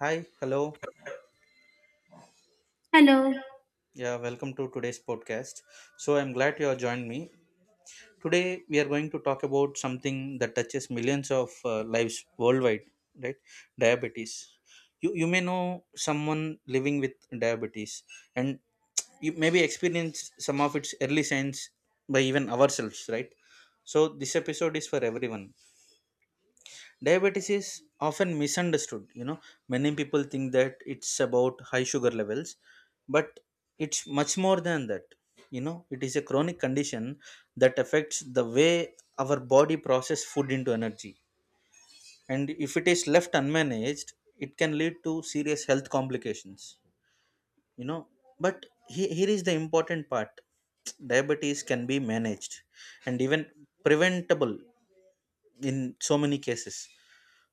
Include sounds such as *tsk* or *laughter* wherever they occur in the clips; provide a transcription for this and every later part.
Hi, hello. Hello. Yeah, welcome to today's podcast. So I'm glad you have joined me. Today we are going to talk about something that touches millions of lives worldwide, right? Diabetes. You may know someone living with diabetes, and you maybe experience some of its early signs by even ourselves, right? So this episode is for everyone. Diabetes is often misunderstood. Many people think that it's about high sugar levels, but it's much more than that. It is a chronic condition that affects the way our body process food into energy, and if it is left unmanaged, it can lead to serious health complications you know but here is the important part: diabetes can be managed and even preventable in so many cases.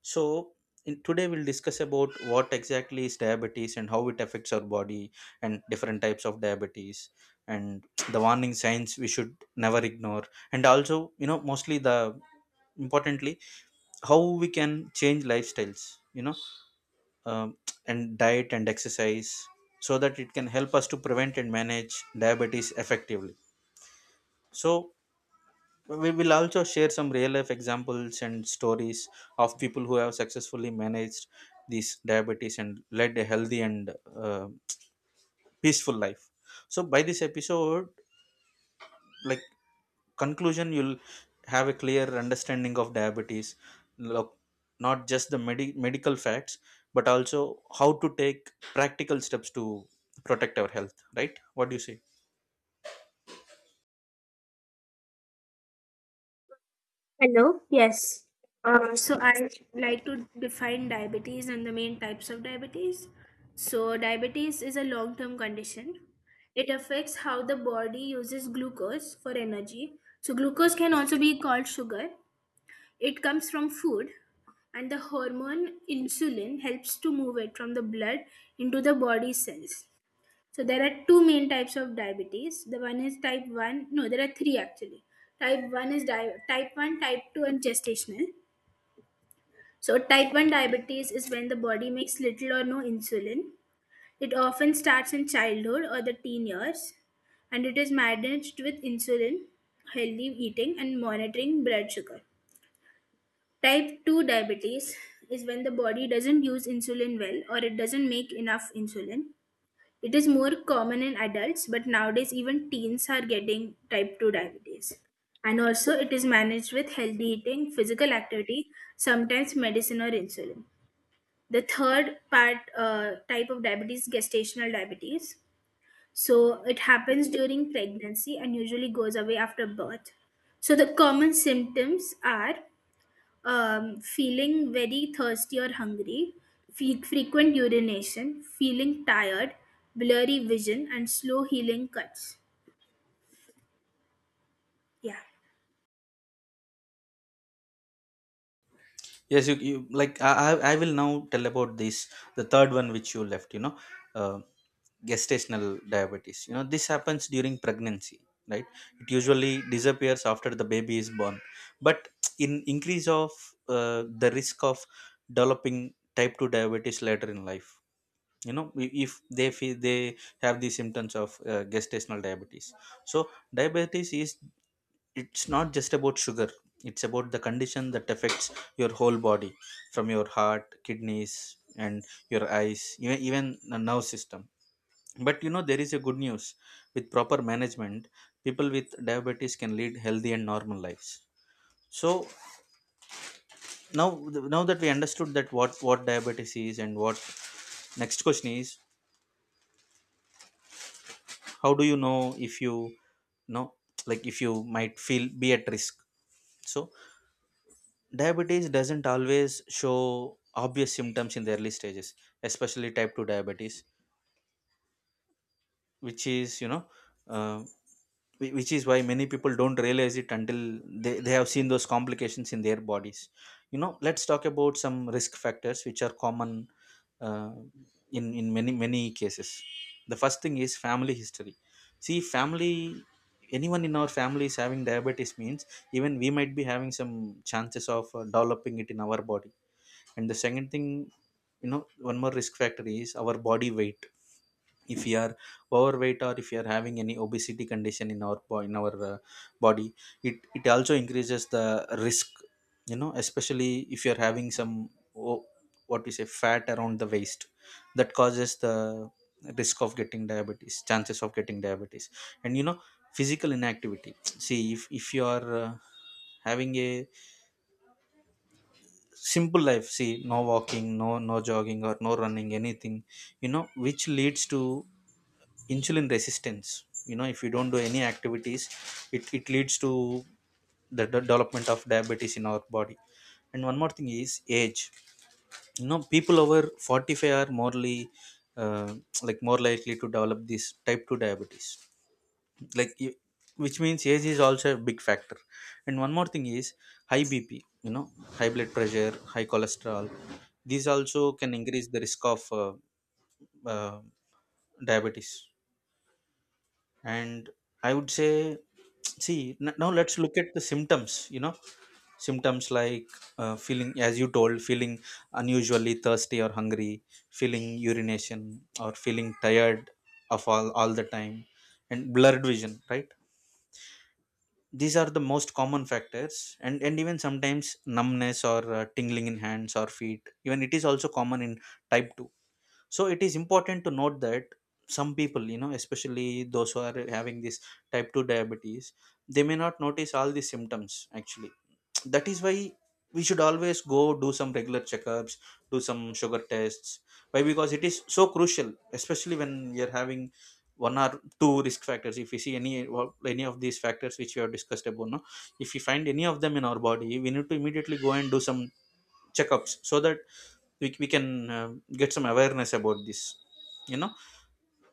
so, Today we'll discuss about what exactly is diabetes and how it affects our body, and different types of diabetes, and *tsk* the warning signs we should never ignore, and also mostly, the importantly, how we can change lifestyles, um, *tsk* and diet and exercise, so that it can help us to prevent and manage diabetes effectively. So we will also share some real life examples and stories of people who have successfully managed these diabetes and led a healthy and uh, peaceful life. So by this episode, like, conclusion, you'll have a clear understanding of diabetes. Look, not just the medical facts, but also how to take practical steps to protect our health. Right, what do you say? Hello, yes. So I like to define diabetes and the main types of diabetes. So diabetes is a long-term condition. It affects how the body uses glucose for energy. So glucose can also be called sugar. It comes from food, and the hormone insulin helps to move it from the blood into the body cells. So there are two main types of diabetes. The one is type 1. No, there are three actually. Type 1 is type 1, type 2 and gestational. So type 1 diabetes is when the body makes little or no insulin. It often starts in childhood or the teen years, and it is managed with insulin, healthy eating and monitoring blood sugar. Type 2 diabetes is when the body doesn't use insulin well, or it doesn't make enough insulin. It is more common in adults, but nowadays even teens are getting type 2 diabetes. And also, it is managed with healthy eating, physical activity, sometimes medicine or insulin. The third part type of diabetes, gestational diabetes. So, it happens during pregnancy and usually goes away after birth. So, the common symptoms are feeling very thirsty or hungry, frequent urination, feeling tired, blurry vision, and slow healing cuts. Yeah. Yes, you like I will now tell about this, the third one which you left. Uh, Gestational diabetes. You know, this happens during pregnancy, right? It usually disappears after the baby is born, but in increase of the risk of developing type two diabetes later in life. You know, if they feel they have the symptoms of gestational diabetes. So diabetes is, it's not just about sugar, it's about the condition that affects your whole body, from your heart, kidneys, and your eyes, even, even the nerve system. But you know there is a good news: with proper management, people with diabetes can lead healthy and normal lives. So now, now that we understood that what diabetes is and what, next question is, how do you know if know like if you might feel be at risk? So diabetes doesn't always show obvious symptoms in the early stages, especially type 2 diabetes, which is, uh, which is why many people don't realize it until they have seen those complications in their bodies. You know, let's talk about some risk factors which are common, uh, in many, many cases. The first thing is family history. See, family, anyone in our family is having diabetes means even we might be having some chances of developing it in our body. And the second thing, you know, one more risk factor is our body weight. If we are overweight, or if we are having any obesity condition in our in our body, it also increases the risk. You know, especially if you are having some o- what we say fat around the waist, that causes the risk of getting diabetes, chances of getting diabetes. And you know, physical inactivity, see, if you are having a simple life, see, no walking, no, no jogging or no running, anything. You know, which leads to insulin resistance. You know, if you don't do any activities, it leads to the development of diabetes in our body. And one more thing is age. You know, people over 45 are morely, uh, like, more likely to develop this type 2 diabetes. like y- which means age is also a big factor. And one more thing is high bp. You know, high blood pressure, high cholesterol, these also can increase the risk of uh, diabetes. And I would say, *tsk* see, now let's look at the symptoms. You know, symptoms like, feeling, as you told, feeling unusually thirsty or hungry, feeling urination, or feeling tired of all the time, and blurred vision, right? These are the most common factors. And even sometimes numbness or tingling in hands or feet, even it is also common in type 2. So it is important to note that some people, you know, especially those who are having this type 2 diabetes, they may not notice all these symptoms actually. That is why we should always go do some regular checkups, do some sugar tests. Why? Because it is so crucial, especially when you're having one or two risk factors. If we see any of these factors which we have discussed about, no, if we find any of them in our body, we need to immediately go and do some checkups, so that we can get some awareness about this. You know,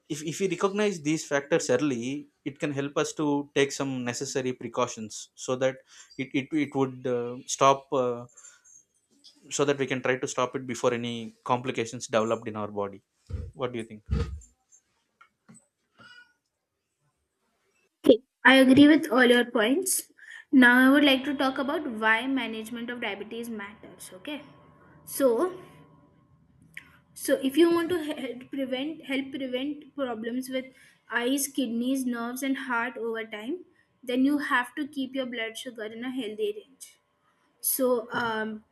if we recognize these factors early, it can help us to take some necessary precautions, so that it would stop, so that we can try to stop it before any complications developed in our body. What do you think? Okay. I agree with all your points. Now, I would like to talk about why management of diabetes matters. Okay, so, so if you want to help prevent problems with eyes, kidneys, nerves, and heart over time, then you have to keep your blood sugar in a healthy range. So,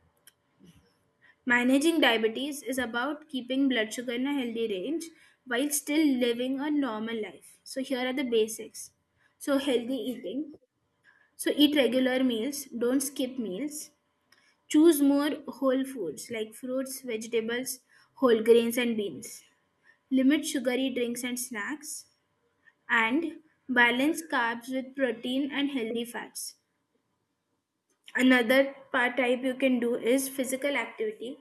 managing diabetes is about keeping blood sugar in a healthy range while still living a normal life. So, here are the basics. So, healthy eating. So, eat regular meals, don't skip meals. Choose more whole foods like fruits, vegetables, whole grains, and beans. Limit sugary drinks and snacks. And balance carbs with protein and healthy fats. Another part type you can do is physical activity.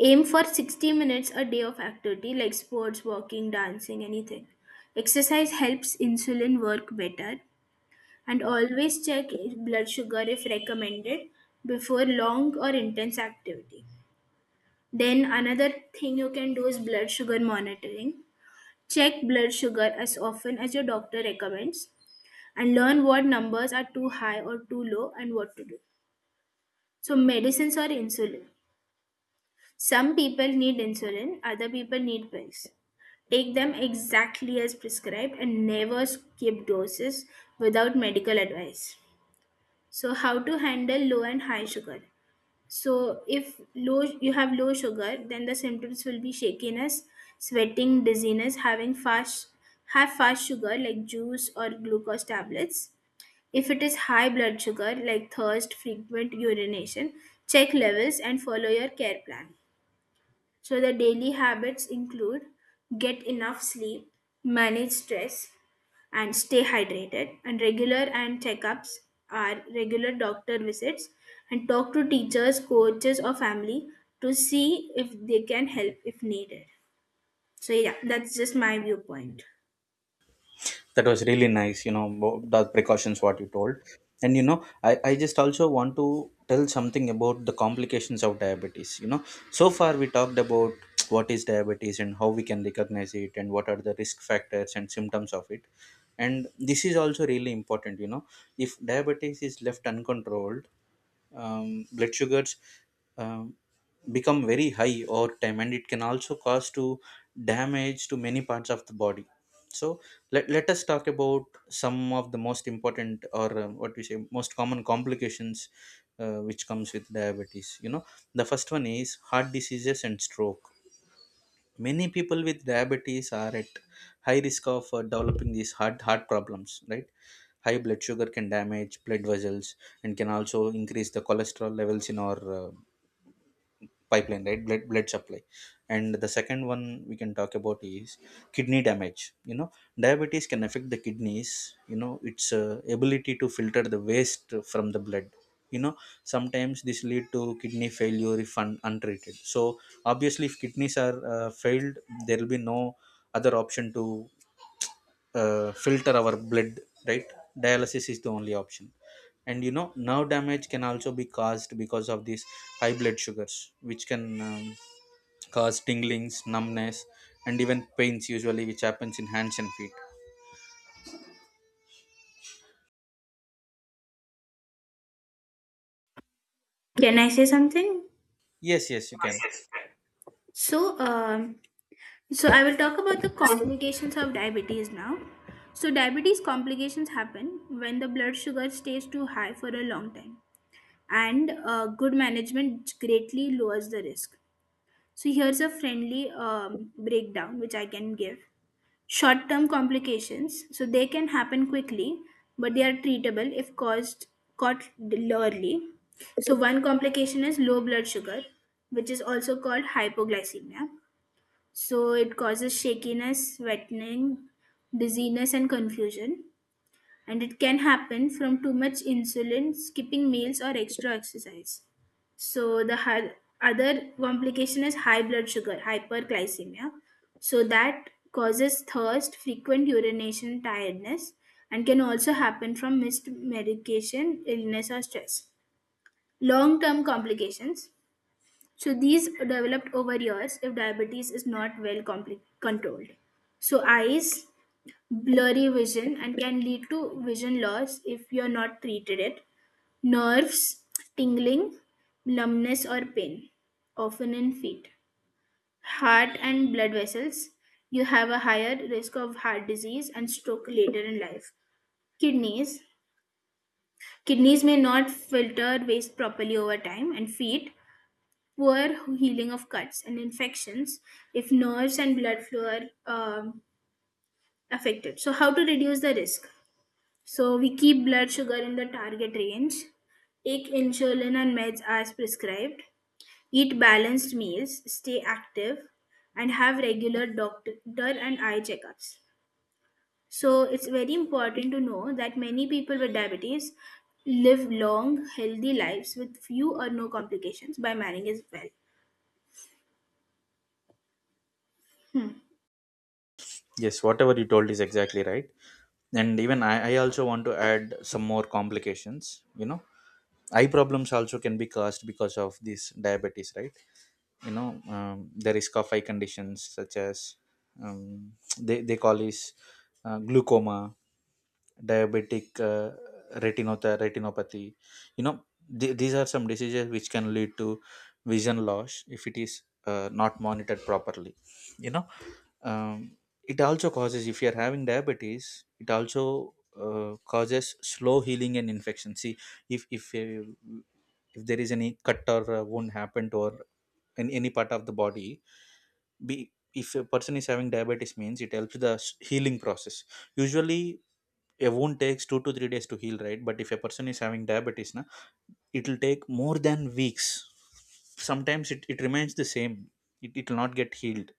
Aim for 60 minutes a day of activity like sports, walking, dancing, anything. Exercise helps insulin work better, and always check blood sugar if recommended before long or intense activity. Then another thing you can do is blood sugar monitoring. Check blood sugar as often as your doctor recommends and learn what numbers are too high or too low and what to do. So, medicines or insulin. Some people need insulin, other people need pills. Take them exactly as prescribed and never skip doses without medical advice. So, how to handle low and high sugar? So, if low you have low sugar, then the symptoms will be shakiness, sweating, dizziness, having fast have fast sugar like juice or glucose tablets. If it is high blood sugar like thirst, frequent urination, check levels and follow your care plan. So the daily habits include get enough sleep, manage stress, and stay hydrated. And regular and checkups are regular doctor visits, and talk to teachers, coaches, or family to see if they can help if needed. So yeah, that's just my viewpoint. That was really nice, you know, the precautions what you told. And you know, I just also want to tell something about the complications of diabetes. You know, so far we talked about *tsk* what is diabetes and how we can recognize it and what are the risk factors and symptoms of it. And this is also really important. You know, if diabetes is left uncontrolled, blood sugars um, become very high over time, and it can also cause to damage to many parts of the body. So let us talk about some of the most important or what we say most common complications which comes with diabetes. You know, the first one is heart diseases and stroke. Many people with diabetes are at high risk of developing these heart problems, right? High blood sugar can damage blood vessels and can also increase the cholesterol levels in our uh, pipeline, right, blood supply. And the second one we can talk about is kidney damage. You know, diabetes can affect the kidneys, you know, its ability to filter the waste from the blood. You know, sometimes this lead to kidney failure if untreated. So obviously if kidneys are failed, there will be no other option to filter our blood, right? Dialysis is the only option. And you know, nerve damage can also be caused because of these high blood sugars, which can um, cause tinglings, numbness, and even pains, usually which happens in hands and feet. Can I say something? Yes, yes, you can. So, so I will talk about the complications of diabetes now. So, diabetes complications happen when the blood sugar stays too high for a long time, and good management greatly lowers the risk. So, here's a friendly breakdown which I can give. Short term complications, so they can happen quickly, but they are treatable if caused caught early. So, one complication is low blood sugar, which is also called hypoglycemia. So, it causes shakiness, sweating, dizziness, and confusion, and it can happen from too much insulin, skipping meals, or extra exercise. So the other complication is high blood sugar, hyperglycemia. So that causes thirst, frequent urination, tiredness, and can also happen from missed medication, illness, or stress. Long term complications. So these developed over years if diabetes is not well controlled. So, eyes, blurry vision and can lead to vision loss if you're not treated it. Nerves, tingling, numbness or pain, often in feet. Heart and blood vessels, you have a higher risk of heart disease and stroke later in life. Kidneys, kidneys may not filter waste properly over time. And feet, poor healing of cuts and infections if nerves and blood flow are um, affected. So how to reduce the risk? So we keep blood sugar in the target range, take insulin and meds as prescribed, eat balanced meals, stay active, and have regular doctor and eye checkups. So it's very important to know that many people with diabetes live long, healthy lives with few or no complications by managing it well. Yes, whatever you told is exactly right. And even I also want to add some more complications. You know, eye problems also can be caused because of this diabetes, right? You know, the risk of eye conditions such as, um, they call is, glaucoma, diabetic, retinopathy. You know, these are some diseases which can lead to vision loss if it is not monitored properly. You know, um, it also causes, if you are having diabetes, it also causes slow healing and infection. See, if if uh, if there is any cut or wound happened or in any part of the body, be, if a person is having diabetes means, it helps the healing process. Usually a wound takes two to three days to heal, right? But if a person is having diabetes na, it will take more than weeks. Sometimes it remains the same, it will not get healed.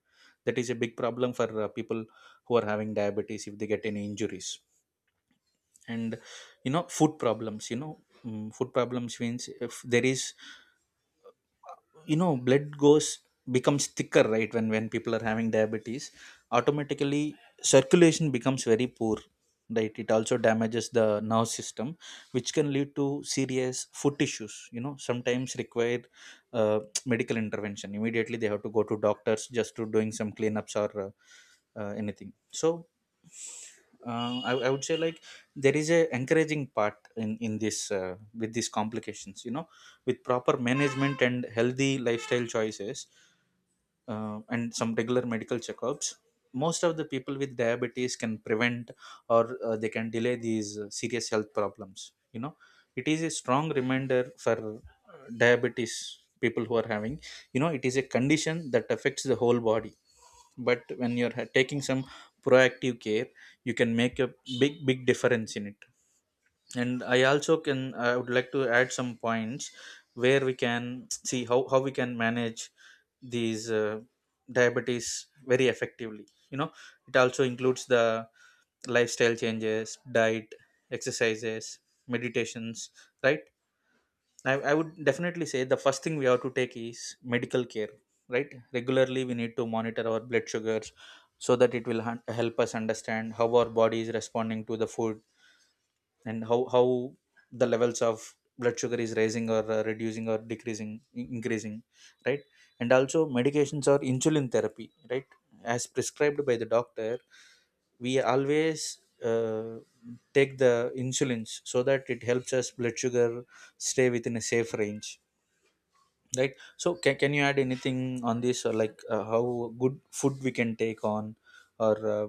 That is a big problem for people who are having diabetes if they get any injuries. And you know, food problems, you know, food problems means, if there is, you know, blood goes, becomes thicker, right? When people are having diabetes, automatically circulation becomes very poor, right? It also damages the nerve system, which can lead to serious foot issues. You know, sometimes require uh, *tsk* medical intervention, immediately they have to go to doctors just to doing some cleanups, or anything. So, I would say like, there is a encouraging part in this with these complications. You know, with proper management and healthy lifestyle choices, and some regular medical checkups, most of the people with diabetes can prevent or they can delay these serious health problems. You know, it is a strong reminder for diabetes, people who are having. You know, it is a condition that affects the whole body, but when you're taking some proactive care, you can make a big difference in it. And I also can, I would like to add some points where we can see how we can manage these diabetes very effectively. You know, it also includes the lifestyle changes, diet, exercises, meditations, right? I would definitely say the first thing we have to take is medical care, right? Regularly, we need to monitor our blood sugars so that it will help us understand how our body is responding to the food, and how the levels of blood sugar is rising or reducing or decreasing, increasing, right? And also medications or insulin therapy, right, as prescribed by the doctor. We always take the insulins so that it helps us blood sugar stay within a safe range, right? So can you add anything on this, or like, how good food we can take on, or uh,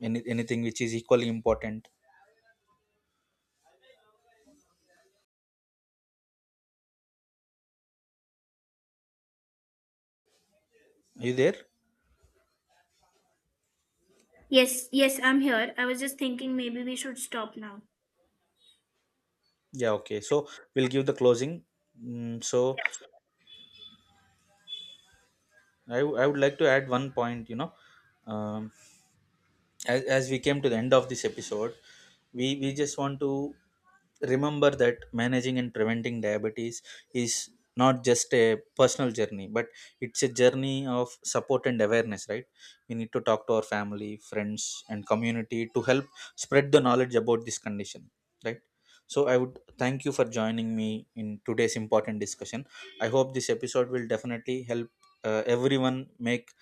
any, anything which is equally important? Are you there? Yes, yes, I'm here. I was just thinking maybe we should stop now. Yeah, okay. So we'll give the closing. So Yeah. I would like to add one point, you know. Um, as we came to the end of this episode, we just want to remember that managing and preventing diabetes is not just a personal journey, but it's a journey of support and awareness, right? We need to talk to our family, friends, and community to help spread the knowledge about this condition, right? So I would thank you for joining me in today's important discussion. I hope this episode will definitely help everyone make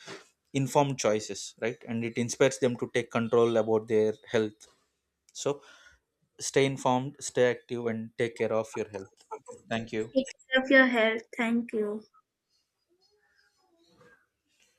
informed choices, right, and it inspires them to take control about their health. So stay informed, stay active, and take care of your health. Thank you. Take care of your health. Thank you.